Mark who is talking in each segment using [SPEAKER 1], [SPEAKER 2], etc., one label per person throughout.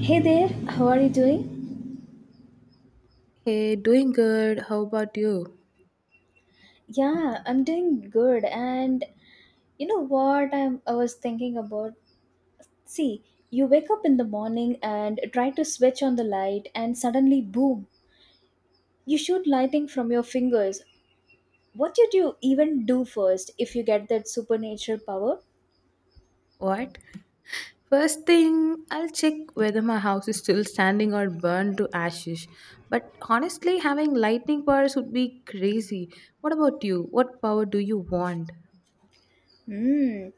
[SPEAKER 1] Hey there, how are you doing?
[SPEAKER 2] Hey, doing good. How about you?
[SPEAKER 1] Yeah, I'm doing good. And I was thinking about? See, you wake up in the morning and try to switch on the light, and suddenly, boom, you shoot lighting from your fingers. What did you even do first if you get that supernatural power?
[SPEAKER 2] What? First thing, I'll check whether my house is still standing or burned to ashes. But honestly, having lightning powers would be crazy. What about you? What power do you want?
[SPEAKER 1] Hmm.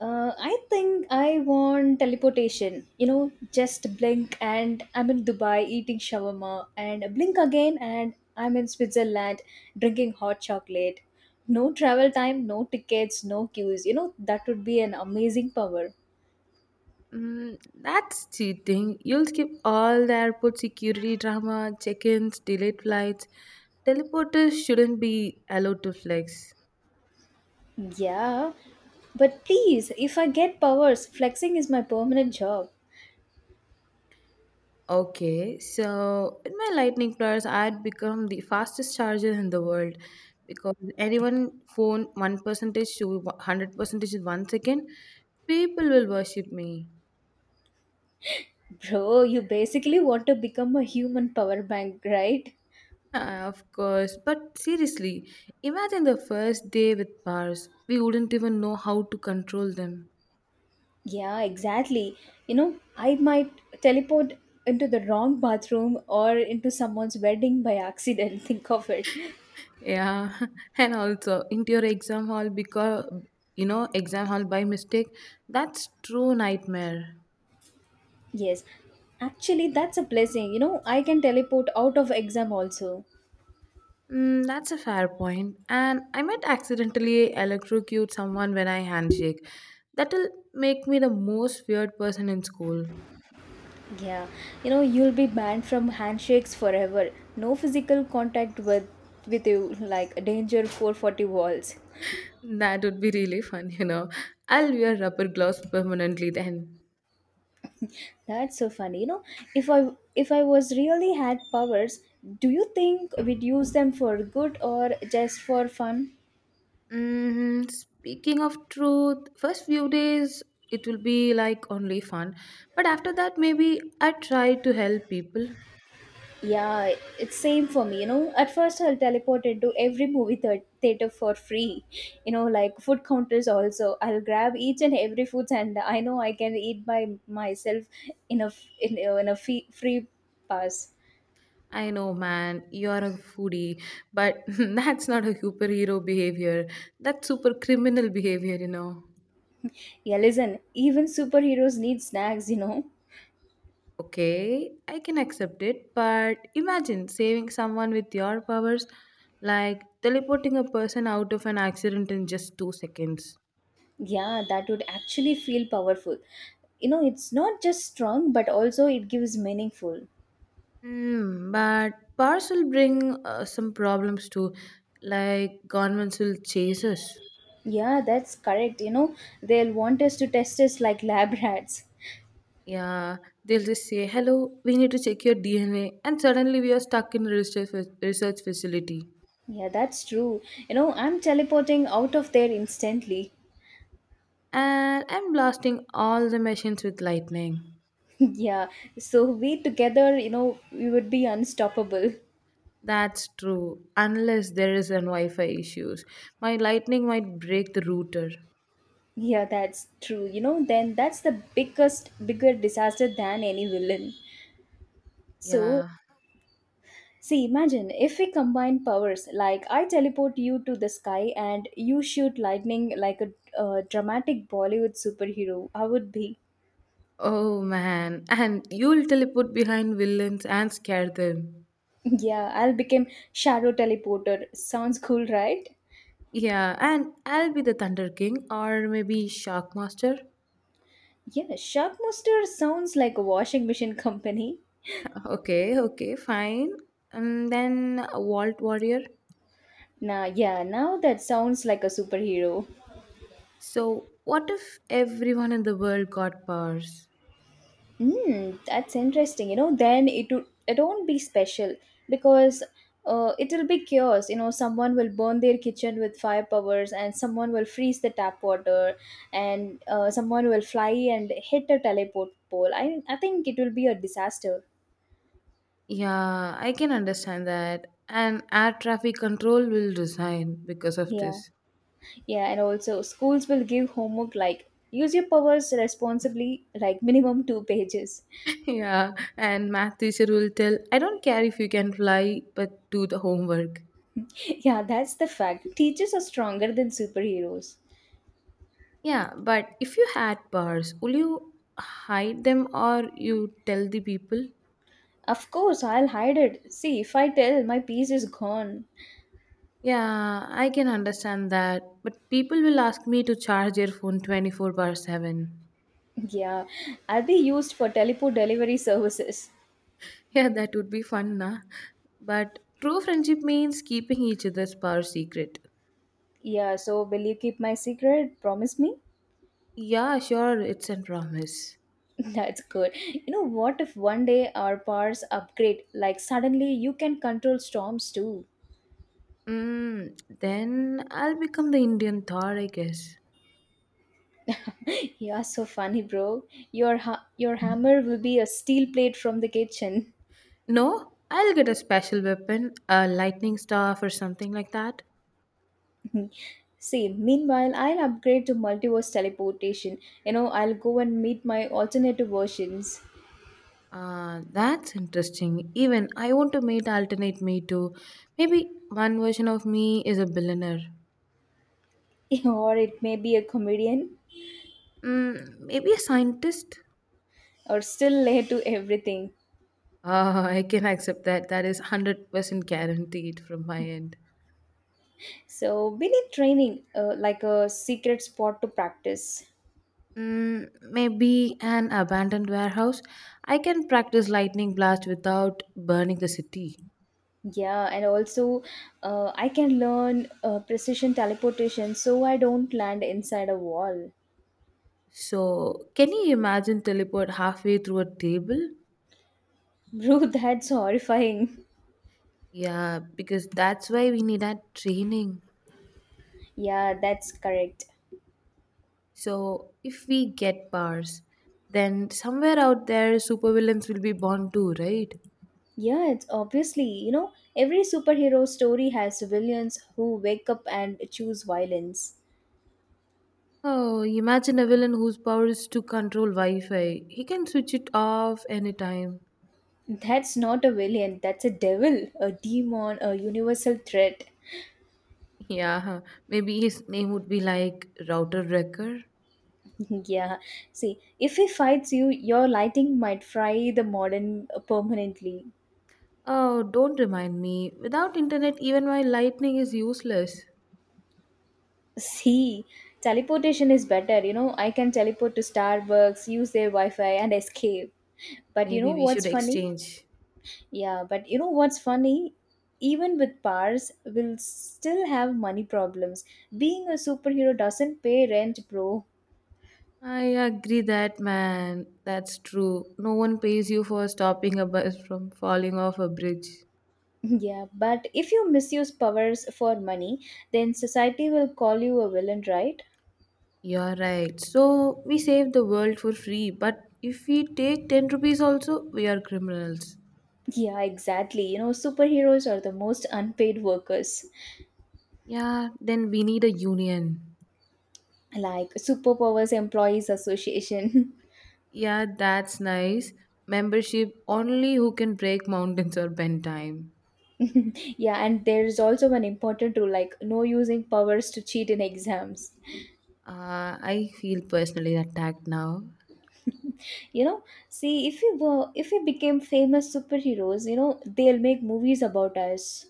[SPEAKER 1] I think I want teleportation. You know, just blink and I'm in Dubai eating shawarma, and blink again and I'm in Switzerland drinking hot chocolate. No travel time, no tickets, no queues. You know, that would be an amazing power.
[SPEAKER 2] Mm, that's cheating. You'll skip all the airport security drama, check ins, delayed flights. Teleporters shouldn't be allowed to flex.
[SPEAKER 1] Yeah, but please, if I get powers, flexing is my permanent job.
[SPEAKER 2] Okay, so in my lightning plus, I'd become the fastest charger in the world because anyone phone one percentage to hundred percentage in one second, people will worship me.
[SPEAKER 1] Bro, you basically want to become a human power bank, right?
[SPEAKER 2] Ah, of course, but seriously, imagine the first day with bars. We wouldn't even know how to control them.
[SPEAKER 1] Yeah, exactly. You know, I might teleport into the wrong bathroom or into someone's wedding by accident. Think of it.
[SPEAKER 2] Yeah, and also into your exam hall because you know exam hall by mistake. That's true nightmare.
[SPEAKER 1] Yes. Actually, that's a blessing. You know, I can teleport out of exam also.
[SPEAKER 2] Mm, that's a fair point. And I might accidentally electrocute someone when I handshake. That'll make me the most weird person in school.
[SPEAKER 1] Yeah. You know, you'll be banned from handshakes forever. No physical contact with you like danger 440 walls.
[SPEAKER 2] That would be really fun, you know. I'll wear rubber gloves permanently then.
[SPEAKER 1] That's so funny. You know, if I was really had powers, do you think we'd use them for good or just for fun?
[SPEAKER 2] Hmm. Speaking of truth, first few days it will be like only fun, but after that maybe I try to help people.
[SPEAKER 1] Yeah, it's same for me. You know, at first I'll teleport into every movie theater for free. You know, like food counters also. I'll grab each and every food, and I know I can eat by myself in a f- in a fee- free pass.
[SPEAKER 2] I know, man, you're a foodie, but that's not a superhero behavior. That's super criminal behavior, you know.
[SPEAKER 1] Yeah, listen. Even superheroes need snacks. You know.
[SPEAKER 2] Okay, I can accept it, but imagine saving someone with your powers, like teleporting a person out of an accident in just two seconds.
[SPEAKER 1] Yeah, that would actually feel powerful. You know, it's not just strong, but also it gives meaningful.
[SPEAKER 2] Hmm, but powers will bring some problems too, like governments will chase us.
[SPEAKER 1] Yeah, that's correct. You know, they'll want us to test us like lab rats.
[SPEAKER 2] Yeah, they'll just say, "Hello, we need to check your DNA," and suddenly we are stuck in research facility,
[SPEAKER 1] Yeah, that's true. You know, I'm teleporting out of there instantly.
[SPEAKER 2] and I'm blasting all the machines with lightning.
[SPEAKER 1] Yeah, so we together, you know, we would be unstoppable.
[SPEAKER 2] That's true, unless there is an Wi-Fi issues. My lightning might break the router.
[SPEAKER 1] Yeah, that's true. You know, then that's the bigger disaster than any villain. So,
[SPEAKER 2] Yeah.
[SPEAKER 1] see, imagine if we combine powers, like I teleport you to the sky and you shoot lightning like a dramatic Bollywood superhero, I would be.
[SPEAKER 2] Oh man, and you'll teleport behind villains and scare them.
[SPEAKER 1] Yeah, I'll become Shadow Teleporter. Sounds cool, right?
[SPEAKER 2] Yeah, and I'll be the Thunder King or maybe Shark Master.
[SPEAKER 1] Yeah, Shockmaster sounds like a washing machine company.
[SPEAKER 2] Okay, okay, fine. And then a Vault Warrior.
[SPEAKER 1] Now, yeah, now that sounds like a superhero.
[SPEAKER 2] So, what if everyone in the world got powers?
[SPEAKER 1] Hmm, that's interesting. You know, then it won't be special because it'll be chaos. You know, someone will burn their kitchen with fire powers, and someone will freeze the tap water, and someone will fly and hit a teleport pole. I think it will be a disaster.
[SPEAKER 2] Yeah, I can understand that. And air traffic control will resign because of
[SPEAKER 1] Yeah.
[SPEAKER 2] this.
[SPEAKER 1] Yeah, and also schools will give homework like use your powers responsibly, like minimum 2 pages.
[SPEAKER 2] Yeah, and math teacher will tell, I don't care if you can fly, but do the homework.
[SPEAKER 1] Yeah, that's the fact. Teachers are stronger than superheroes.
[SPEAKER 2] Yeah, but if you had powers, will you hide them or you tell the people?
[SPEAKER 1] Of course, I'll hide it. See, if I tell, my piece is gone.
[SPEAKER 2] Yeah, I can understand that, but people will ask me to charge their phone 24 bar 7.
[SPEAKER 1] Yeah, I'll be used for teleport delivery services.
[SPEAKER 2] Yeah, that would be fun, nah? But true friendship means keeping each other's power secret.
[SPEAKER 1] Yeah, so will you keep my secret? Promise me?
[SPEAKER 2] Yeah, sure, it's a promise.
[SPEAKER 1] That's good. You know, what if one day our powers upgrade? Like, suddenly you can control storms too.
[SPEAKER 2] Mm, then I'll become the Indian Thor, I guess.
[SPEAKER 1] You are so funny, bro. Your your hammer will be a steel plate from the kitchen.
[SPEAKER 2] No, I'll get a special weapon, a lightning staff or something like that.
[SPEAKER 1] See, meanwhile, I'll upgrade to multiverse teleportation. You know, I'll go and meet my alternative versions.
[SPEAKER 2] That's interesting. Even I want to meet alternate me too. Maybe one version of me is a billionaire.
[SPEAKER 1] Or it may be a comedian,
[SPEAKER 2] Mm, maybe a scientist.
[SPEAKER 1] or still late to everything.
[SPEAKER 2] I can accept that. That is 100% guaranteed from my end.
[SPEAKER 1] So, we need training, like a secret spot to practice.
[SPEAKER 2] Mm, maybe an abandoned warehouse. I can practice lightning blast without burning the city.
[SPEAKER 1] Yeah, and also, I can learn precision teleportation so I don't land inside a wall.
[SPEAKER 2] So, can you imagine teleport halfway through a table?
[SPEAKER 1] Bro, that's horrifying.
[SPEAKER 2] Yeah, because that's why we need that training.
[SPEAKER 1] Yeah, that's correct.
[SPEAKER 2] So, if we get powers, then somewhere out there supervillains will be born too, right?
[SPEAKER 1] Yeah, it's obviously, you know, every superhero story has villains who wake up and choose violence.
[SPEAKER 2] Oh, imagine a villain whose power is to control Wi Fi. He can switch it off anytime.
[SPEAKER 1] That's not a villain, that's a devil, a demon, a universal threat.
[SPEAKER 2] Yeah, huh. Maybe his name would be like Router Wrecker.
[SPEAKER 1] Yeah, see, if he fights you, your lighting might fry the modern permanently.
[SPEAKER 2] Oh, don't remind me. Without internet, even my lightning is useless.
[SPEAKER 1] See, teleportation is better, you know, I can teleport to Starbucks, use their Wi Fi, and escape. But you know
[SPEAKER 2] Maybe we
[SPEAKER 1] what's
[SPEAKER 2] should
[SPEAKER 1] funny?
[SPEAKER 2] exchange.
[SPEAKER 1] Yeah, but you know what's funny? Even with powers, we'll still have money problems. Being a superhero doesn't pay rent, bro.
[SPEAKER 2] I agree that, man. That's true. No one pays you for stopping a bus from falling off a bridge.
[SPEAKER 1] Yeah, but if you misuse powers for money, then society will call you a villain, right?
[SPEAKER 2] You're right. So, we save the world for free, but if we take 10 rupees also, we are criminals.
[SPEAKER 1] Yeah, exactly. You know, superheroes are the most unpaid workers,
[SPEAKER 2] Yeah, then we need a union.
[SPEAKER 1] like Superpowers Employees Association.
[SPEAKER 2] Yeah, that's nice. Membership only who can break mountains or bend time.
[SPEAKER 1] Yeah, and there's also an important rule like no using powers to cheat in exams.
[SPEAKER 2] I feel personally attacked now.
[SPEAKER 1] You know, see if we were if we became famous superheroes, you know, they'll make movies about us.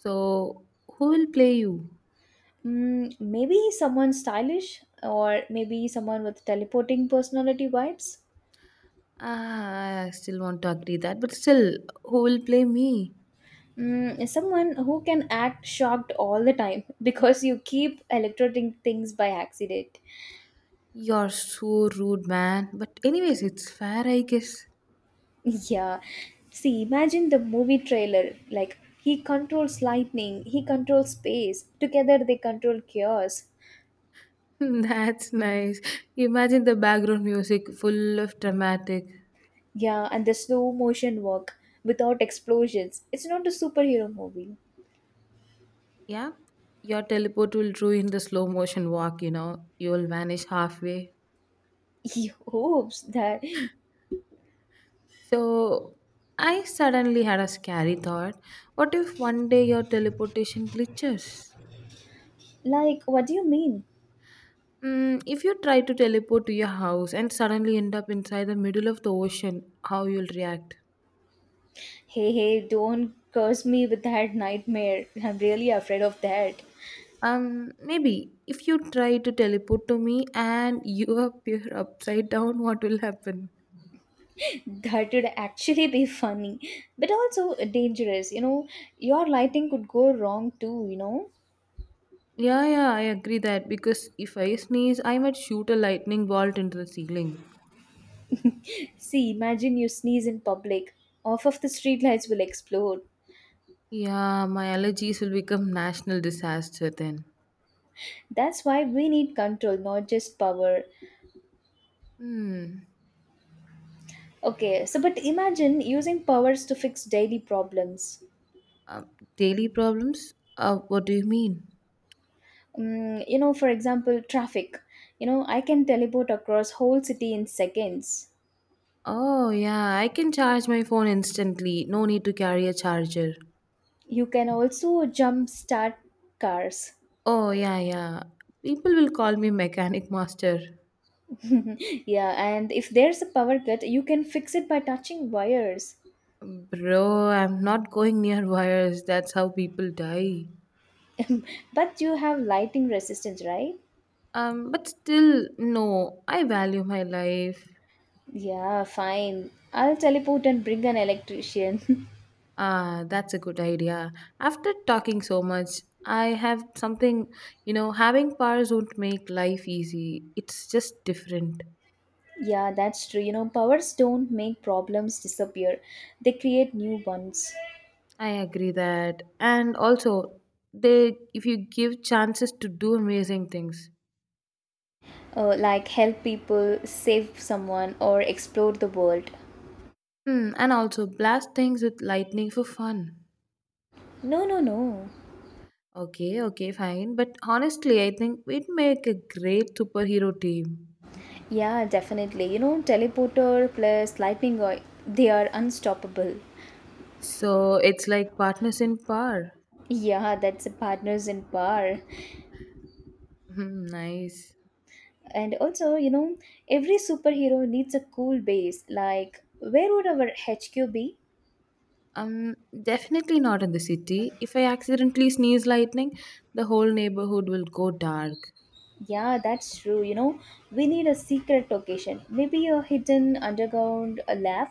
[SPEAKER 2] So, who will play you?
[SPEAKER 1] Mm, maybe someone stylish or maybe someone with teleporting personality vibes.
[SPEAKER 2] Ah, I still want to agree that, but still, who will play me?
[SPEAKER 1] Mm, someone who can act shocked all the time, because you keep electrocuting things by accident.
[SPEAKER 2] You're so rude, man. But, anyways, it's fair, I guess.
[SPEAKER 1] Yeah, see, imagine the movie trailer like he controls lightning, he controls space, together they control chaos.
[SPEAKER 2] That's nice. Imagine the background music full of dramatic.
[SPEAKER 1] Yeah, and the slow motion work without explosions. It's not a superhero movie.
[SPEAKER 2] Yeah, your teleport will ruin the slow motion walk, you know, you'll vanish halfway.
[SPEAKER 1] He hopes that.
[SPEAKER 2] So, I suddenly had a scary thought. What if one day your teleportation glitches?
[SPEAKER 1] Like, what do you mean?
[SPEAKER 2] Mm, if you try to teleport to your house and suddenly end up inside the middle of the ocean, how you'll react?
[SPEAKER 1] Hey, hey, don't curse me with that nightmare. I'm really afraid of that.
[SPEAKER 2] Maybe if you try to teleport to me and you appear upside down, what will happen?
[SPEAKER 1] That would actually be funny, but also dangerous. You know, your lighting could go wrong too, you know?
[SPEAKER 2] Yeah, yeah, I agree that because if I sneeze, I might shoot a lightning bolt into the ceiling.
[SPEAKER 1] See, imagine you sneeze in public. Off of the streetlights will explode.
[SPEAKER 2] Yeah, my allergies will become national disaster then.
[SPEAKER 1] That's why we need control, not just power.
[SPEAKER 2] Hmm.
[SPEAKER 1] Okay, so but imagine using powers to fix daily problems.
[SPEAKER 2] Uh, daily problems? What do you mean?
[SPEAKER 1] Mm, you know, for example, traffic. You know, I can teleport across whole city in seconds.
[SPEAKER 2] Oh, yeah, I can charge my phone instantly. No need to carry a charger.
[SPEAKER 1] You can also jump start cars.
[SPEAKER 2] Oh, yeah, yeah. People will call me mechanic master.
[SPEAKER 1] Yeah, and if there's a power cut, you can fix it by touching wires.
[SPEAKER 2] Bro, I'm not going near wires. That's how people die.
[SPEAKER 1] But you have lighting resistance, right?
[SPEAKER 2] But still, no, I value my life.
[SPEAKER 1] Yeah, fine. I'll teleport and bring an electrician.
[SPEAKER 2] Ah, that's a good idea. After talking so much, I have something, you know, having powers won't make life easy. It's just different.
[SPEAKER 1] Yeah, that's true. You know, powers don't make problems disappear, they create new ones.
[SPEAKER 2] I agree that. And also, they if you give chances to do amazing things.
[SPEAKER 1] Like help people, save someone, or explore the world.
[SPEAKER 2] Hmm, and also blast things with lightning for fun.
[SPEAKER 1] No, no, no.
[SPEAKER 2] Okay, okay, fine. But honestly, I think we'd make a great superhero team.
[SPEAKER 1] Yeah, definitely. You know, teleporter plus lightning, they are unstoppable.
[SPEAKER 2] So it's like partners in power.
[SPEAKER 1] Yeah, that's a partners in power.
[SPEAKER 2] Hmm, nice.
[SPEAKER 1] And also, you know, every superhero needs a cool base. Like, where would our HQ be?
[SPEAKER 2] Um, Definitely not in the city. If I accidentally sneeze lightning, the whole neighborhood will go dark.
[SPEAKER 1] Yeah, that's true. You know, we need a secret location. Maybe a hidden underground lab.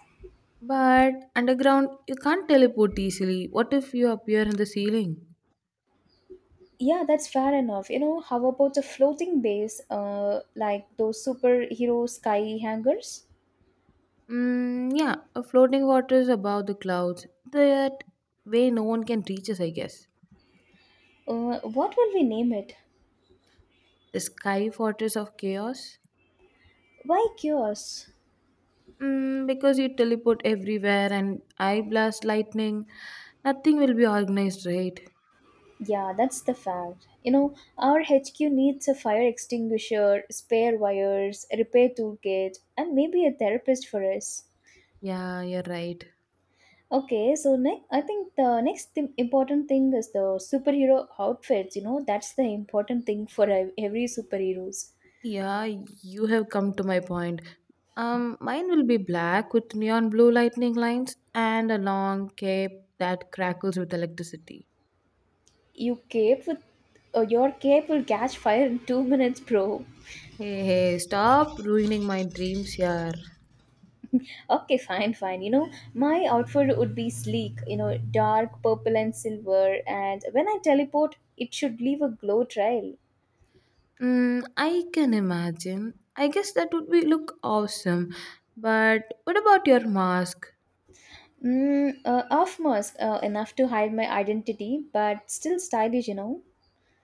[SPEAKER 2] But underground, you can't teleport easily. What if you appear in the ceiling?
[SPEAKER 1] Yeah, that's fair enough. You know, how about a floating base, like those superhero sky hangers?
[SPEAKER 2] Mm, yeah, a floating water is above the clouds. That way, no one can reach us, I guess.
[SPEAKER 1] What will we name it?
[SPEAKER 2] The sky fortress of chaos.
[SPEAKER 1] Why chaos?
[SPEAKER 2] Mm, because you teleport everywhere and I blast lightning, nothing will be organized, right?
[SPEAKER 1] Yeah, that's the fact. You know, our HQ needs a fire extinguisher, spare wires, a repair toolkit, and maybe a therapist for us.
[SPEAKER 2] Yeah, you're right.
[SPEAKER 1] Okay, so next, I think important thing is the superhero outfits. You know, that's the important thing for every superheroes.
[SPEAKER 2] Yeah, you have come to my point. Mine will be black with neon blue lightning lines and a long cape that crackles with electricity.
[SPEAKER 1] You cape with uh, your cape will catch fire in 2 minutes, bro.
[SPEAKER 2] Hey, hey, stop ruining my dreams here.
[SPEAKER 1] Okay, fine. You know, my outfit would be sleek, you know, dark purple and silver, and when I teleport, it should leave a glow trail.
[SPEAKER 2] Mm, I can imagine. I guess that would be look awesome. But what about your mask?
[SPEAKER 1] Off mask, enough to hide my identity, but still stylish, you know.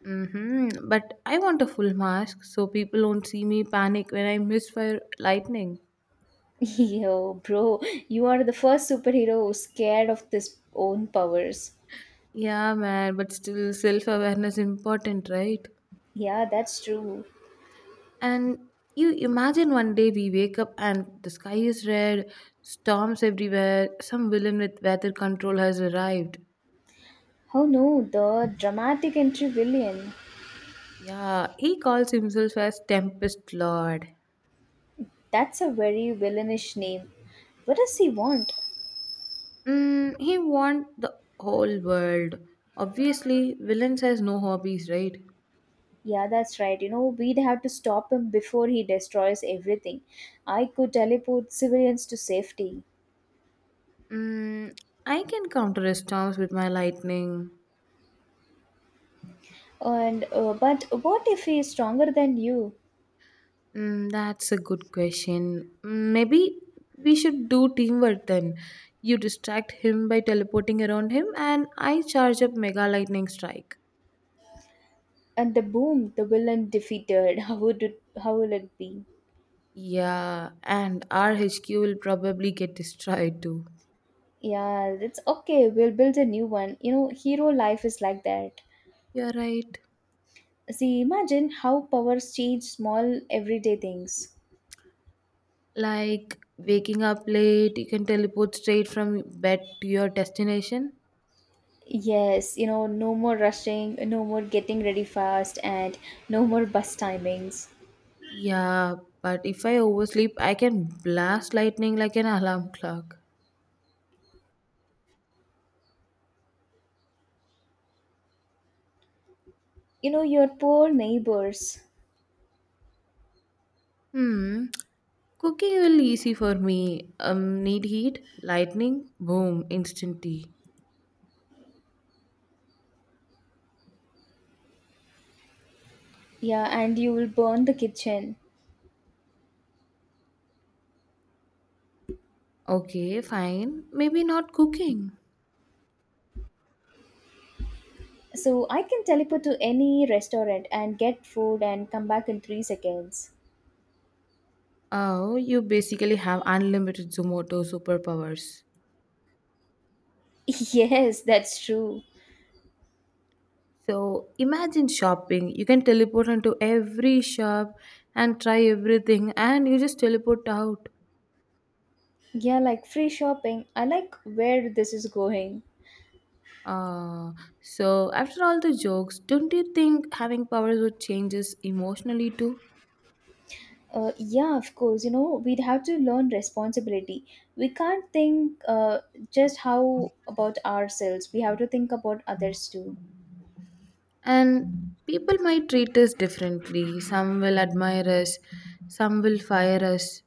[SPEAKER 2] Mm-hmm. But I want a full mask so people won't see me panic when I misfire lightning.
[SPEAKER 1] Yo, bro, you are the first superhero who's scared of this own powers.
[SPEAKER 2] Yeah, man, but still self awareness important, right?
[SPEAKER 1] Yeah, that's true.
[SPEAKER 2] And you imagine one day we wake up and the sky is red, storms everywhere, some villain with weather control has arrived.
[SPEAKER 1] Oh no, the dramatic and villain.
[SPEAKER 2] Yeah, he calls himself as Tempest Lord.
[SPEAKER 1] That's a very villainish name. What does he want?
[SPEAKER 2] Mm, he wants the whole world. Obviously, villains has no hobbies, right?
[SPEAKER 1] Yeah, that's right. You know, we'd have to stop him before he destroys everything. I could teleport civilians to safety.
[SPEAKER 2] Mm, I can counter storms with my lightning.
[SPEAKER 1] And but what if he is stronger than you?
[SPEAKER 2] Mm, that's a good question. Mm, maybe we should do teamwork then. You distract him by teleporting around him, and I charge up Mega Lightning Strike.
[SPEAKER 1] And the boom, the villain defeated. How will it be?
[SPEAKER 2] Yeah, and our HQ will probably get destroyed too.
[SPEAKER 1] Yeah, it's okay. We'll build a new one. You know, hero life is like that.
[SPEAKER 2] You're right.
[SPEAKER 1] See, imagine how powers change small everyday things.
[SPEAKER 2] Like waking up late, you can teleport straight from bed to your destination.
[SPEAKER 1] Yes, you know, no more rushing, no more getting ready fast, and no more bus timings.
[SPEAKER 2] Yeah, but if I oversleep, I can blast lightning like an alarm clock.
[SPEAKER 1] You know, your poor neighbors.
[SPEAKER 2] Hmm, cooking will easy for me. Need heat, lightning, boom, instant tea.
[SPEAKER 1] Yeah, and you will burn the kitchen.
[SPEAKER 2] Okay, fine. Maybe not cooking.
[SPEAKER 1] So I can teleport to any restaurant and get food and come back in 3 seconds.
[SPEAKER 2] Oh, you basically have unlimited Zomoto superpowers.
[SPEAKER 1] Yes, that's true.
[SPEAKER 2] So imagine shopping. You can teleport into every shop and try everything, and you just teleport out.
[SPEAKER 1] Yeah, like free shopping. I like where this is going.
[SPEAKER 2] Uh, so after all the jokes, don't you think having powers would change us emotionally too?
[SPEAKER 1] Yeah, of course. You know, we'd have to learn responsibility. We can't think just how about ourselves. We have to think about others too.
[SPEAKER 2] And people might treat us differently. Some will admire us, some will fire us.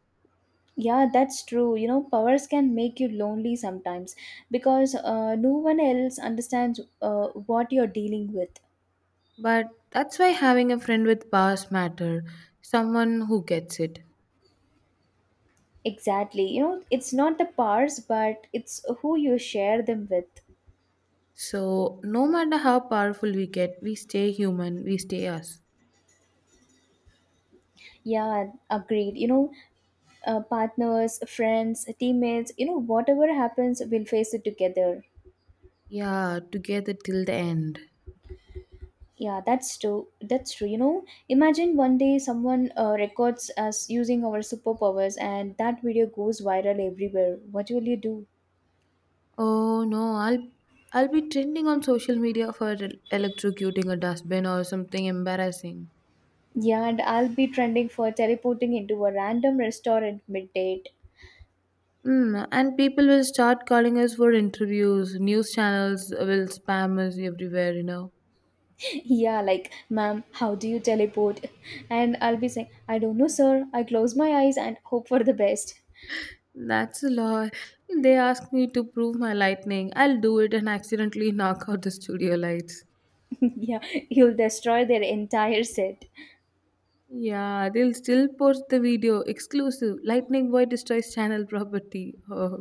[SPEAKER 1] Yeah, that's true. You know, powers can make you lonely sometimes because no one else understands what you're dealing with.
[SPEAKER 2] But that's why having a friend with powers matter, someone who gets it.
[SPEAKER 1] Exactly. You know, it's not the powers, but it's who you share them with.
[SPEAKER 2] So no matter how powerful we get, we stay human, we stay us.
[SPEAKER 1] Yeah, agreed. You know, partners, friends, teammates, you know, whatever happens, we'll face it together.
[SPEAKER 2] Yeah, together till the end.
[SPEAKER 1] Yeah, that's true. That's true. You know, imagine one day someone records us using our superpowers and that video goes viral everywhere. What will you do?
[SPEAKER 2] Oh no, I'll be trending on social media for electrocuting a dustbin or something embarrassing.
[SPEAKER 1] Yeah, and I'll be trending for teleporting into a random restaurant mid-date.
[SPEAKER 2] Mm, and people will start calling us for interviews. News channels will spam us everywhere, you know.
[SPEAKER 1] Yeah, like, ma'am, how do you teleport? And I'll be saying, I don't know, sir. I close my eyes and hope for the best.
[SPEAKER 2] That's a lie. They ask me to prove my lightning. I'll do it and accidentally knock out the studio lights.
[SPEAKER 1] Yeah, you'll destroy their entire set.
[SPEAKER 2] Yeah, they'll still post the video. Exclusive. Lightning Boy destroys channel property. Oh.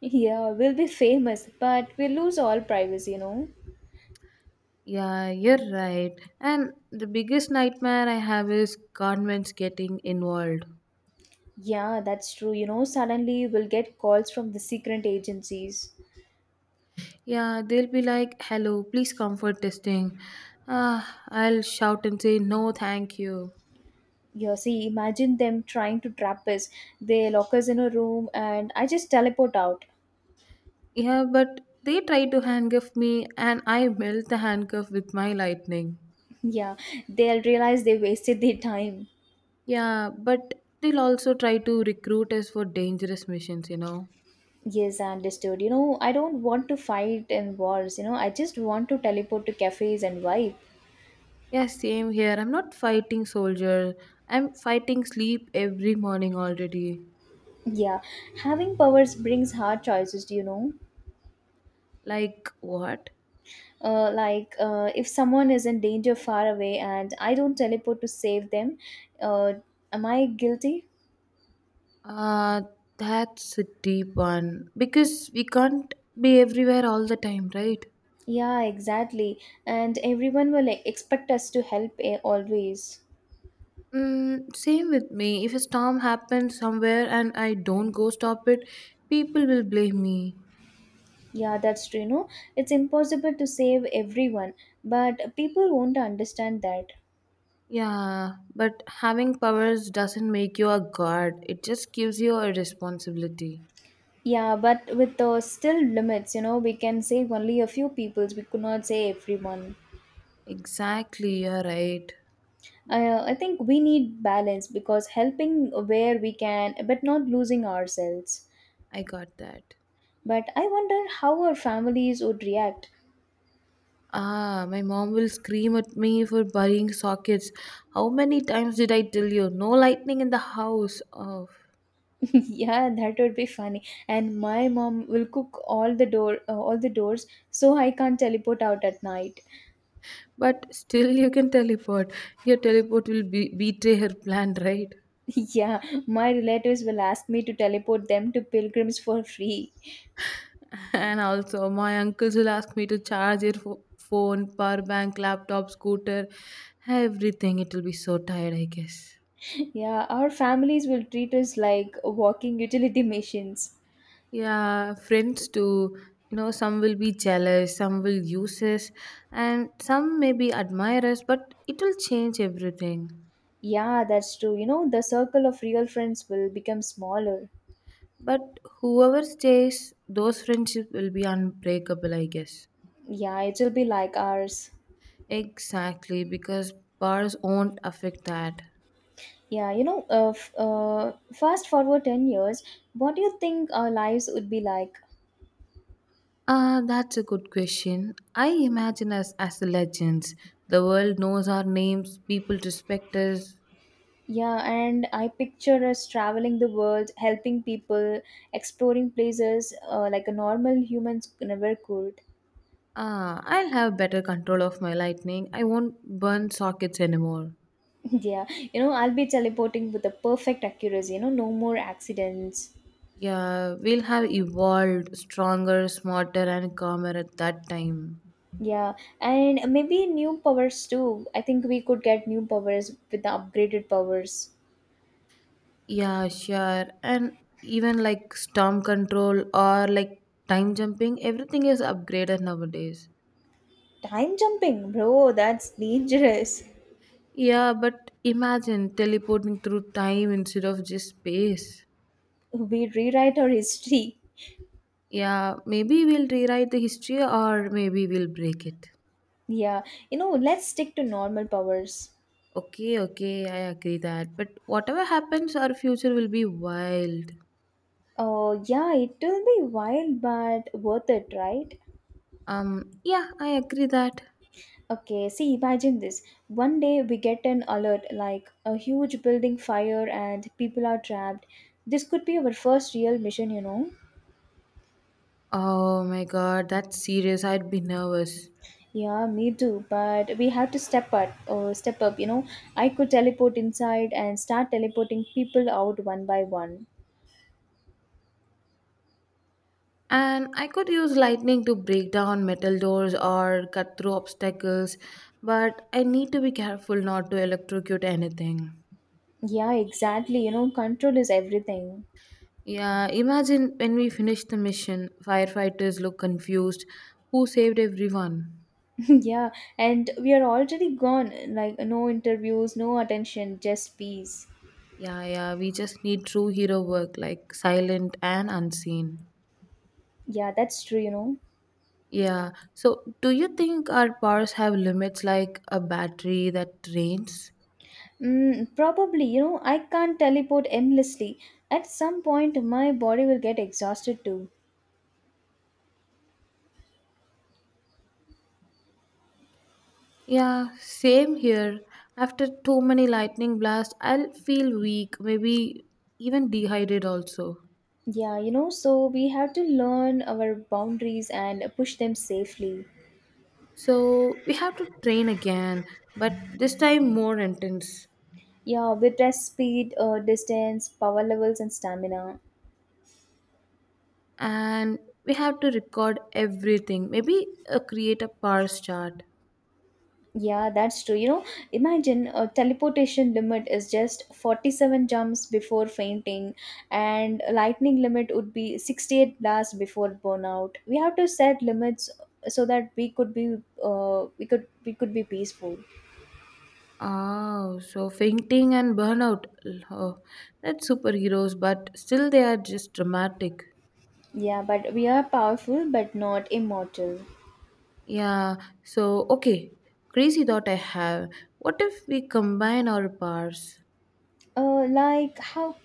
[SPEAKER 1] Yeah, we'll be famous, but we'll lose all privacy, you know.
[SPEAKER 2] Yeah, you're right. And the biggest nightmare I have is governments getting involved.
[SPEAKER 1] Yeah, that's true. You know, suddenly we will get calls from the secret agencies.
[SPEAKER 2] Yeah, they'll be like, hello, please come for testing. Ah, I'll shout and say, no, thank you.
[SPEAKER 1] You see, imagine them trying to trap us. They lock us in a room and I just teleport out.
[SPEAKER 2] Yeah, but they try to handcuff me and I melt the handcuff with my lightning.
[SPEAKER 1] Yeah, they'll realize they wasted their time.
[SPEAKER 2] Yeah, but they'll also try to recruit us for dangerous missions, you know.
[SPEAKER 1] Yes, I understood. You know, I don't want to fight in wars. I just want to teleport to cafes and vibe.
[SPEAKER 2] Yeah, same here. I'm not fighting soldier. I'm fighting sleep every morning already.
[SPEAKER 1] Yeah, having powers brings hard choices, do you know?
[SPEAKER 2] Like what?
[SPEAKER 1] Like if someone is in danger far away and I don't teleport to save them, uh, am I guilty?
[SPEAKER 2] Uh, that's a deep one. Because we can't be everywhere all the time, right?
[SPEAKER 1] Yeah, exactly, and everyone will, like, expect us to help, always.
[SPEAKER 2] Mm, same with me. If a storm happens somewhere and I don't go stop it, people will blame me.
[SPEAKER 1] Yeah, that's true, you know. It's impossible to save everyone, but people won't understand that.
[SPEAKER 2] Yeah, but having powers doesn't make you a god, it just gives you a responsibility.
[SPEAKER 1] Yeah, but with the still limits, you know, we can save only a few peoples, we could not save everyone.
[SPEAKER 2] Exactly, you're right.
[SPEAKER 1] I think we need balance, because helping where we can but not losing ourselves.
[SPEAKER 2] I got that.
[SPEAKER 1] But I wonder how our families would react.
[SPEAKER 2] Ah, my mom will scream at me for burying sockets. How many times did I tell you? No lightning in the house. Oh.
[SPEAKER 1] Yeah, that would be funny. And my mom will cook all the door, all the doors, so I can't teleport out at night.
[SPEAKER 2] But still, you can teleport. Your teleport will betray her plan, right?
[SPEAKER 1] Yeah, my relatives will ask me to teleport them to pilgrims for free.
[SPEAKER 2] And also, my uncles will ask me to charge your phone, power bank, laptop, scooter, everything. It will be so tired, I guess.
[SPEAKER 1] Yeah, our families will treat us like walking utility machines.
[SPEAKER 2] Yeah, friends too. You know, some will be jealous, some will use us, and some maybe admire us, but it will change everything.
[SPEAKER 1] Yeah, that's true. The circle of real friends will become smaller.
[SPEAKER 2] But whoever stays, those friendships will be unbreakable, I guess.
[SPEAKER 1] Yeah, it will be like ours.
[SPEAKER 2] Exactly, because bars won't affect that.
[SPEAKER 1] Yeah, fast forward 10 years, what do you think our lives would be like?
[SPEAKER 2] Ah, that's a good question. I imagine us as legends. The world knows our names, people respect us.
[SPEAKER 1] Yeah, and I picture us traveling the world, helping people, exploring places like a normal humans never could.
[SPEAKER 2] Ah, I'll have better control of my lightning. I won't burn sockets anymore.
[SPEAKER 1] Yeah, I'll be teleporting with the perfect accuracy, no more accidents.
[SPEAKER 2] Yeah, we'll have evolved stronger, smarter, and calmer at that time.
[SPEAKER 1] Yeah, and maybe new powers too. I think we could get new powers with the upgraded powers.
[SPEAKER 2] Yeah, sure. And even like storm control or like time jumping, everything is upgraded nowadays.
[SPEAKER 1] Time jumping, bro, that's dangerous.
[SPEAKER 2] Yeah, but imagine teleporting through time instead of just space.
[SPEAKER 1] We rewrite our history.
[SPEAKER 2] Yeah, maybe we'll rewrite the history or maybe we'll break it.
[SPEAKER 1] Yeah, let's stick to normal powers.
[SPEAKER 2] Okay, okay, I agree that. But whatever happens, our future will be wild.
[SPEAKER 1] Oh, yeah, it will be wild but worth it, right?
[SPEAKER 2] Yeah, I agree that.
[SPEAKER 1] Okay, see, imagine this. One day we get an alert like a huge building fire and people are trapped. This could be our first real mission.
[SPEAKER 2] Oh my god, that's serious. I'd be nervous.
[SPEAKER 1] Yeah, me too, but we have to step up or step up. I could teleport inside and start teleporting people out one by one.
[SPEAKER 2] And I could use lightning to break down metal doors or cut through obstacles, but I need to be careful not to electrocute anything.
[SPEAKER 1] Yeah, exactly. Control is everything.
[SPEAKER 2] Yeah, imagine when we finish the mission, firefighters look confused. Who saved everyone?
[SPEAKER 1] Yeah, and we are already gone. Like, no interviews, no attention, just peace.
[SPEAKER 2] Yeah, yeah, we just need true hero work, like silent and unseen.
[SPEAKER 1] Yeah, that's true, you know.
[SPEAKER 2] Yeah, so do you think our powers have limits like a battery that drains?
[SPEAKER 1] Mm, probably, you know, I can't teleport endlessly. At some point, my body will get exhausted too.
[SPEAKER 2] Yeah, same here. After too many lightning blasts, I'll feel weak, maybe even dehydrated also.
[SPEAKER 1] Yeah, so we have to learn our boundaries and push them safely.
[SPEAKER 2] So we have to train again, but this time more intense.
[SPEAKER 1] Yeah, with rest speed, distance, power levels, and stamina.
[SPEAKER 2] And we have to record everything, maybe create a powers chart.
[SPEAKER 1] Yeah, that's true. Imagine a teleportation limit is just 47 jumps before fainting, and a lightning limit would be 68 blasts before burnout. We have to set limits so that we could be we could be peaceful.
[SPEAKER 2] Oh, so fainting and burnout. Oh, that's superheroes, but still they are just dramatic.
[SPEAKER 1] Yeah, but we are powerful but not immortal.
[SPEAKER 2] Yeah, so okay. Crazy thought I have. What if we combine our powers?
[SPEAKER 1] Like how?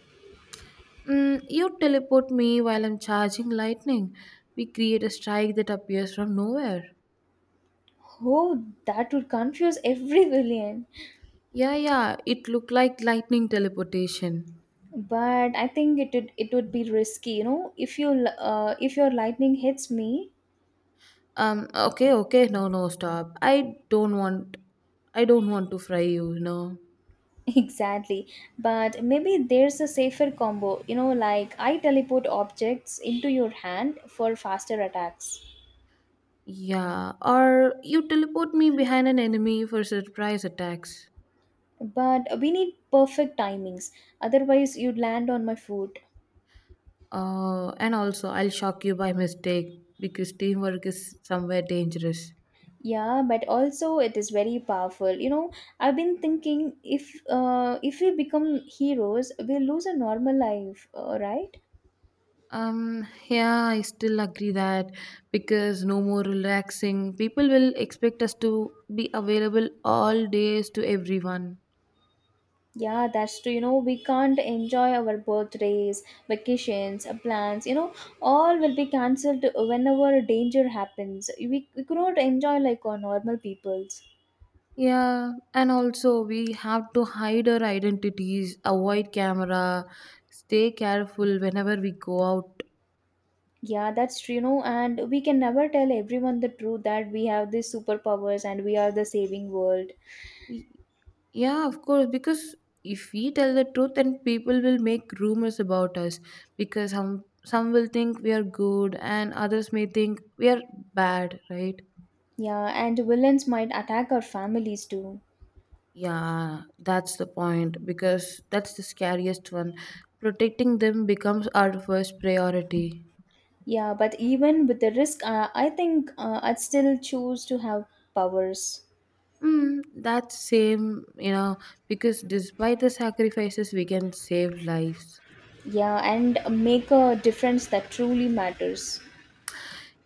[SPEAKER 2] You teleport me while I'm charging lightning. We create a strike that appears from nowhere.
[SPEAKER 1] Oh, that would confuse every villain.
[SPEAKER 2] Yeah, yeah, it looked like lightning teleportation.
[SPEAKER 1] But I think it would be risky, you know, if you if your lightning hits me.
[SPEAKER 2] Okay, okay, no, no, stop. I don't want to fry you, you know.
[SPEAKER 1] Exactly. But maybe there's a safer combo, you know, like I teleport objects into your hand for faster attacks.
[SPEAKER 2] Yeah, or you teleport me behind an enemy for surprise attacks.
[SPEAKER 1] But we need perfect timings, otherwise, you'd land on my foot.
[SPEAKER 2] And also, I'll shock you by mistake because teamwork is somewhere dangerous.
[SPEAKER 1] Yeah, but also it is very powerful. You know, I've been thinking if we become heroes, we'll lose a normal life, right?
[SPEAKER 2] Yeah, I still agree that because no more relaxing, people will expect us to be available all days to everyone.
[SPEAKER 1] Yeah, that's true. We can't enjoy our birthdays, vacations, plans. You know, all will be cancelled whenever danger happens. We could not enjoy like our normal peoples.
[SPEAKER 2] Yeah, and also we have to hide our identities, avoid camera, stay careful whenever we go out.
[SPEAKER 1] Yeah, that's true. And we can never tell everyone the truth that we have these superpowers and we are the saving world.
[SPEAKER 2] Yeah, of course, because if we tell the truth, then people will make rumors about us because some will think we are good and others may think we are bad, right?
[SPEAKER 1] Yeah, and villains might attack our families too.
[SPEAKER 2] Yeah, that's the point because that's the scariest one. Protecting them becomes our first priority.
[SPEAKER 1] Yeah, but even with the risk, I think I'd still choose to have powers.
[SPEAKER 2] That's same, because despite the sacrifices, we can save lives.
[SPEAKER 1] Yeah, and make a difference that truly matters.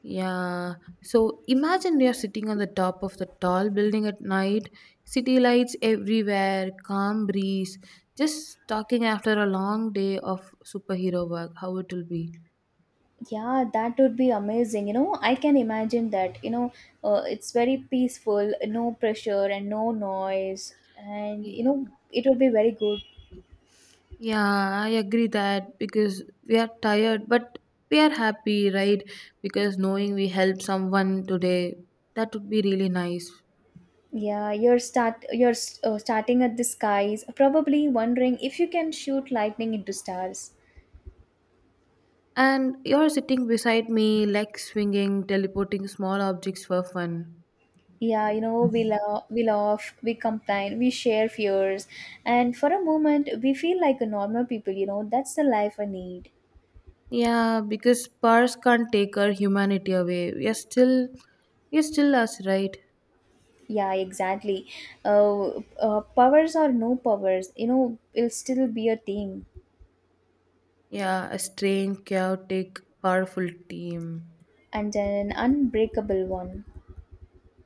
[SPEAKER 2] Yeah. So imagine you're sitting on the top of the tall building at night, city lights everywhere, calm breeze, just talking after a long day of superhero work, how it will be.
[SPEAKER 1] Yeah, that would be amazing. You know, I can imagine that. It's very peaceful, no pressure and no noise, and you
[SPEAKER 2] Ye-
[SPEAKER 1] know, it would be very good.
[SPEAKER 2] Yeah, I agree that because we are tired, but we are happy, right? Because knowing we helped someone today, that would be really nice.
[SPEAKER 1] Yeah, you're start you're starting at the skies, probably wondering if you can shoot lightning into stars.
[SPEAKER 2] And you're sitting beside me, legs swinging, teleporting small objects for fun.
[SPEAKER 1] Yeah, you know, we laugh, we complain, we share fears, and for a moment, we feel like a normal people. That's the life I need.
[SPEAKER 2] Yeah, because powers can't take our humanity away. We are still us, right?
[SPEAKER 1] Yeah, exactly. Powers or no powers, you know, it'll still be a team
[SPEAKER 2] Yeah, a strange, chaotic, powerful team.
[SPEAKER 1] and an unbreakable one.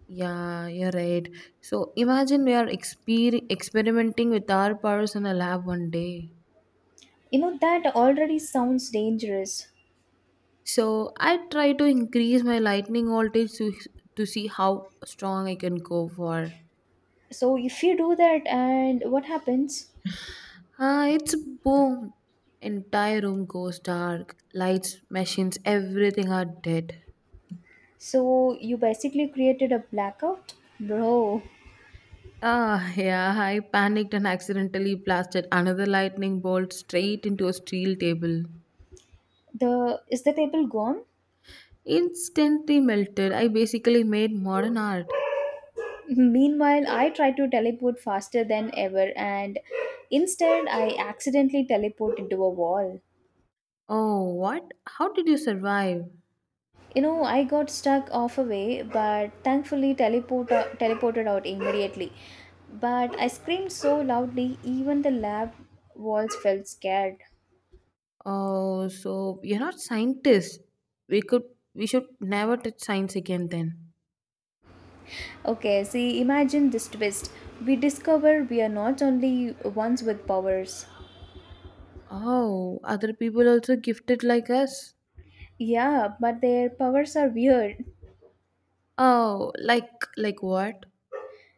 [SPEAKER 2] Yeah, you're right. So imagine we are experimenting with our powers in a lab one day.
[SPEAKER 1] You know, that already sounds dangerous.
[SPEAKER 2] So I try to increase my lightning voltage to see how strong I can go for.
[SPEAKER 1] So, if you do that, and what happens?
[SPEAKER 2] Ah, it's boom. Entire room goes dark. Lights, machines, everything are dead.
[SPEAKER 1] So, you basically created a blackout? Bro,
[SPEAKER 2] Ah, yeah, I panicked and accidentally blasted another lightning bolt straight into a steel table.
[SPEAKER 1] the is the table gone?
[SPEAKER 2] Instantly melted. I basically made modern art.
[SPEAKER 1] Meanwhile, I try to teleport faster than ever, and instead, I accidentally teleport into a wall.
[SPEAKER 2] Oh, what? How did you survive?
[SPEAKER 1] You know, I got stuck off a way, but thankfully teleported out immediately. But I screamed so loudly, even the lab walls felt scared.
[SPEAKER 2] Oh, so you're not scientists. We could we should never touch science again then.
[SPEAKER 1] Okay, see, imagine this twist. We discover we are not only ones with powers.
[SPEAKER 2] Oh, other people also gifted like us?
[SPEAKER 1] Yeah, but their powers are weird.
[SPEAKER 2] Oh, like what?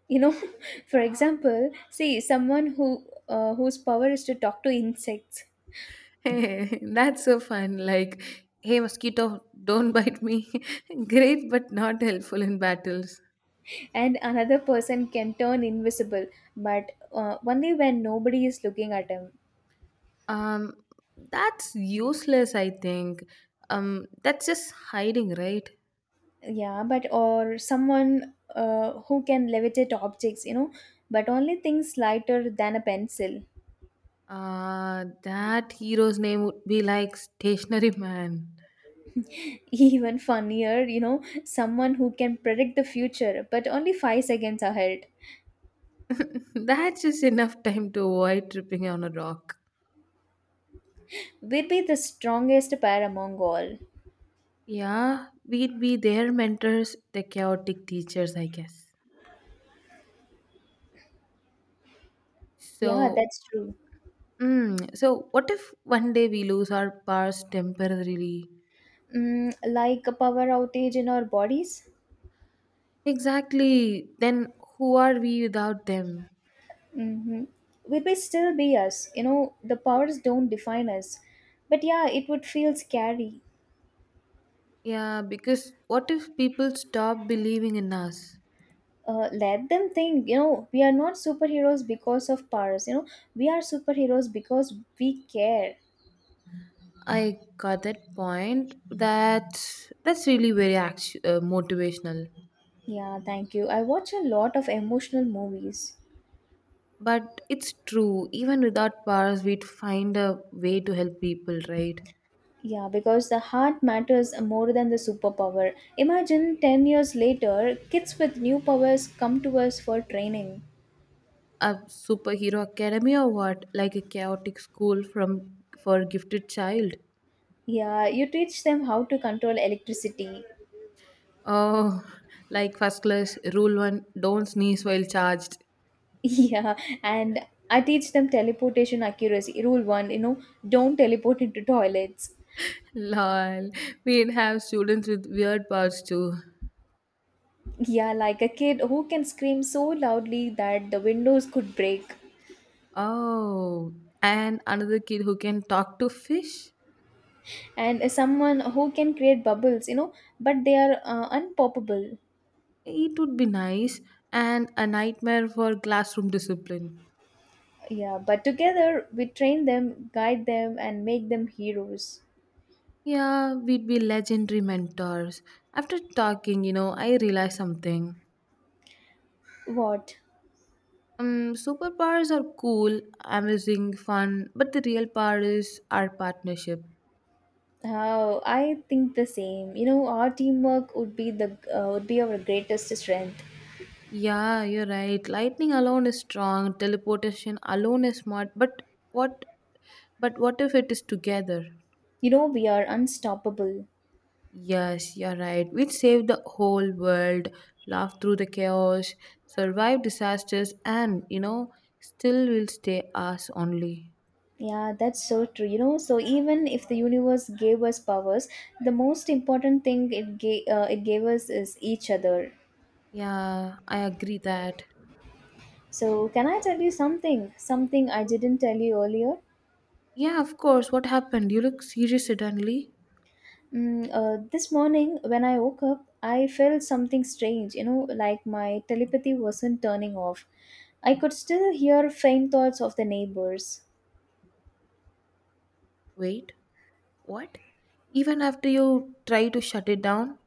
[SPEAKER 1] You know, for example, see someone who whose power is to talk to insects.
[SPEAKER 2] Hey, that's so fun. Like, hey, mosquito, don't bite me. Great, but not helpful in battles.
[SPEAKER 1] And another person can turn invisible but only when nobody is looking at him.
[SPEAKER 2] Um, that's useless, I think. That's just hiding, right?
[SPEAKER 1] Yeah, but or someone who can levitate objects, you know, but only things lighter than a pencil.
[SPEAKER 2] That hero's name would be like Stationary Man.
[SPEAKER 1] Even funnier, you know, someone who can predict the future but only 5 seconds ahead.
[SPEAKER 2] That's just enough time to avoid tripping on a rock.
[SPEAKER 1] We'd be the strongest pair among all.
[SPEAKER 2] Yeah, we'd be their mentors, the chaotic teachers, I guess.
[SPEAKER 1] Yeah,
[SPEAKER 2] So,
[SPEAKER 1] that's true.
[SPEAKER 2] so what if one day we lose our powers temporarily?
[SPEAKER 1] Mm, like a power outage in our bodies.
[SPEAKER 2] Exactly. Then who are we without them?
[SPEAKER 1] Mm-hmm. We may still be us. You know, the powers don't define us. But yeah, it would feel scary.
[SPEAKER 2] Yeah, because what if people stop believing in us?
[SPEAKER 1] Let them think, you know, we are not superheroes because of powers. We are superheroes because we care.
[SPEAKER 2] I got that point. That's really very motivational.
[SPEAKER 1] Yeah, thank you. I watch a lot of emotional movies.
[SPEAKER 2] But it's true. Even without powers, we'd find a way to help people, right?
[SPEAKER 1] Yeah, because the heart matters more than the superpower. Imagine 10 years later, kids with new powers come to us for training.
[SPEAKER 2] A superhero academy or what? Like a chaotic school from for gifted child.
[SPEAKER 1] Yeah, you teach them how to control electricity.
[SPEAKER 2] Oh, like first class rule one, don't sneeze while charged.
[SPEAKER 1] Yeah, and I teach them teleportation accuracy. Rule one, don't teleport into toilets.
[SPEAKER 2] Lol, we'd have students with weird powers too.
[SPEAKER 1] Yeah, like a kid who can scream so loudly that the windows could break,
[SPEAKER 2] Oh, and another kid who can talk to fish?
[SPEAKER 1] and someone who can create bubbles, you know, but they are unpoppable.
[SPEAKER 2] It would be nice, and a nightmare for classroom discipline.
[SPEAKER 1] Yeah, but together we train them, guide them, and make them heroes.
[SPEAKER 2] Yeah, we'd be legendary mentors. After talking, I realized something.
[SPEAKER 1] What?
[SPEAKER 2] Superpowers are cool, amazing, fun, but the real power is our partnership.
[SPEAKER 1] Oh, I think the same. You know, our teamwork would be our greatest strength.
[SPEAKER 2] Yeah, you're right. Lightning alone is strong, teleportation alone is smart, what but what if it is together?
[SPEAKER 1] You know, we are unstoppable.
[SPEAKER 2] Yes, you're right. We'd save the whole world, laugh through the chaos, survive disasters and, still will stay us only.
[SPEAKER 1] Yeah, that's so true. You know, so even if the universe gave us powers, the most important thing it gave us is each other.
[SPEAKER 2] Yeah, I agree that.
[SPEAKER 1] So, can I tell you something? Something I didn't tell you earlier.
[SPEAKER 2] Yeah, of course. What happened? You look serious suddenly.
[SPEAKER 1] This morning when I woke up, I felt something strange. You know, like my telepathy wasn't turning off. I could still hear faint thoughts of the neighbors.
[SPEAKER 2] Wait, what? Even after you try to shut it down?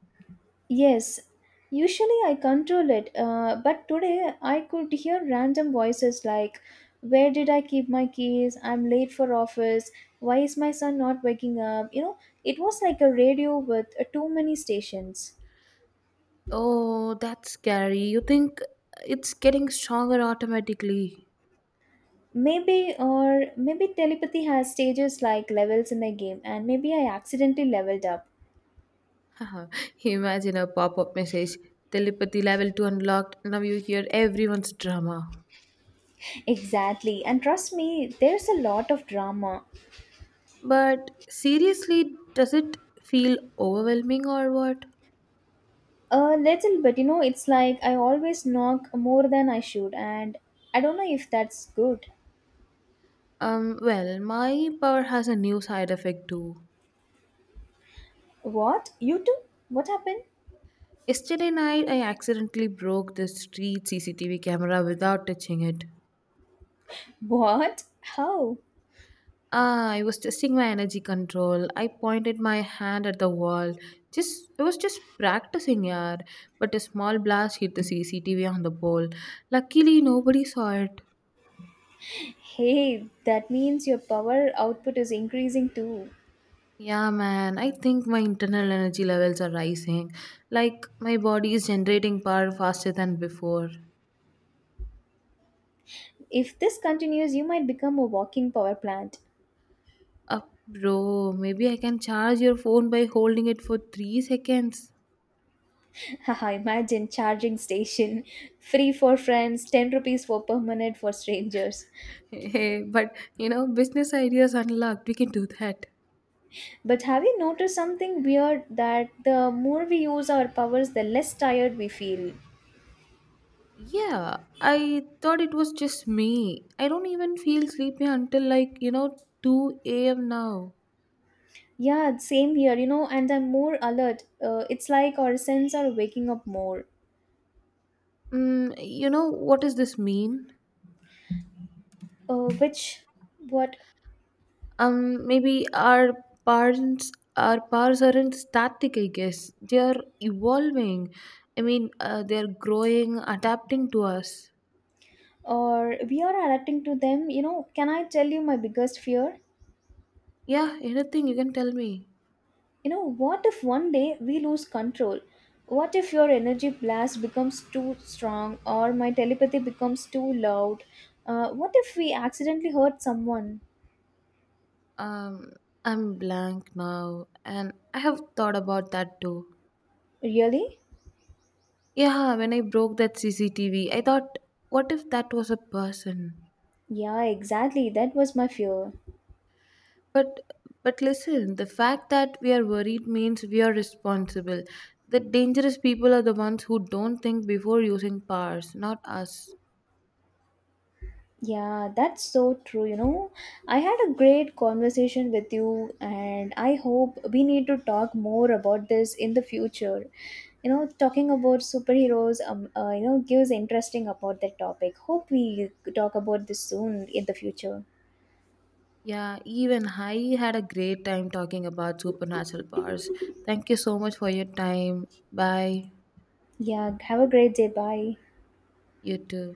[SPEAKER 1] Yes, usually I control it, but today I could hear random voices like, where did I keep my keys? I'm late for office. Why is my son not waking up? You know, it was like a radio with too many stations.
[SPEAKER 2] Oh, that's scary. You think it's getting stronger automatically.
[SPEAKER 1] Maybe, or maybe telepathy has stages like levels in a game, and maybe I accidentally leveled up.
[SPEAKER 2] Haha, imagine a pop up message telepathy level 2 unlocked. Now you hear everyone's drama.
[SPEAKER 1] Exactly, and trust me, there's a lot of drama.
[SPEAKER 2] But seriously, does it feel overwhelming or what?
[SPEAKER 1] A little bit, you know, it's like I always knock more than I should, and I don't know if that's good.
[SPEAKER 2] Well, my power has a new side effect too.
[SPEAKER 1] What? You too? What happened?
[SPEAKER 2] Yesterday night, I accidentally broke the street CCTV camera without touching it.
[SPEAKER 1] What? How?
[SPEAKER 2] Ah, I was testing my energy control. I pointed my hand at the wall. Just I was just practicing, yaar. But a small blast hit the CCTV on the pole. Luckily, nobody saw it.
[SPEAKER 1] Hey, that means your power output is increasing too.
[SPEAKER 2] Yeah, man. I think my internal energy levels are rising. Like my body is generating power faster than before.
[SPEAKER 1] If this continues, you might become a walking power plant.
[SPEAKER 2] Up, bro. Maybe I can charge your phone by holding it for 3 seconds.
[SPEAKER 1] Haha, imagine charging station. Free for friends, 10 rupees for per minute for strangers.
[SPEAKER 2] Hey, but business ideas unlocked. We can do that.
[SPEAKER 1] But have you noticed something weird that the more we use our powers, the less tired we feel?
[SPEAKER 2] Yeah, I thought it was just me. I don't even feel sleepy until like, 2 a.m. now.
[SPEAKER 1] Yeah, same here, you know, and I'm more alert. It's like our senses are waking up more.
[SPEAKER 2] What does this mean?
[SPEAKER 1] Uh, which, what,
[SPEAKER 2] Maybe our parents, our powers aren't static, I guess. They are evolving. I mean, they're growing, adapting to us.
[SPEAKER 1] or we are adapting to them, you know. Can I tell you my biggest fear?
[SPEAKER 2] Yeah, anything you can tell me.
[SPEAKER 1] You know, what if one day we lose control? What if your energy blast becomes too strong or my telepathy becomes too loud? What if we accidentally hurt someone?
[SPEAKER 2] Um, I'm blank now, and I have thought about that too.
[SPEAKER 1] Really?
[SPEAKER 2] Yeah, when I broke that CCTV, I thought, what if that was a person?
[SPEAKER 1] Yeah, exactly. That was my fear.
[SPEAKER 2] But but listen, the fact that we are worried means we are responsible. The dangerous people are the ones who don't think before using powers, not us.
[SPEAKER 1] Yeah, that's so true. I had a great conversation with you, and I hope we need to talk more about this in the future. You know, talking about superheroes, you know, gives interesting about that topic. Hope we talk about this soon in the future.
[SPEAKER 2] Yeah, even I had a great time talking about supernatural powers. Thank you so much for your time. Bye.
[SPEAKER 1] Yeah, have a great day. Bye.
[SPEAKER 2] You too.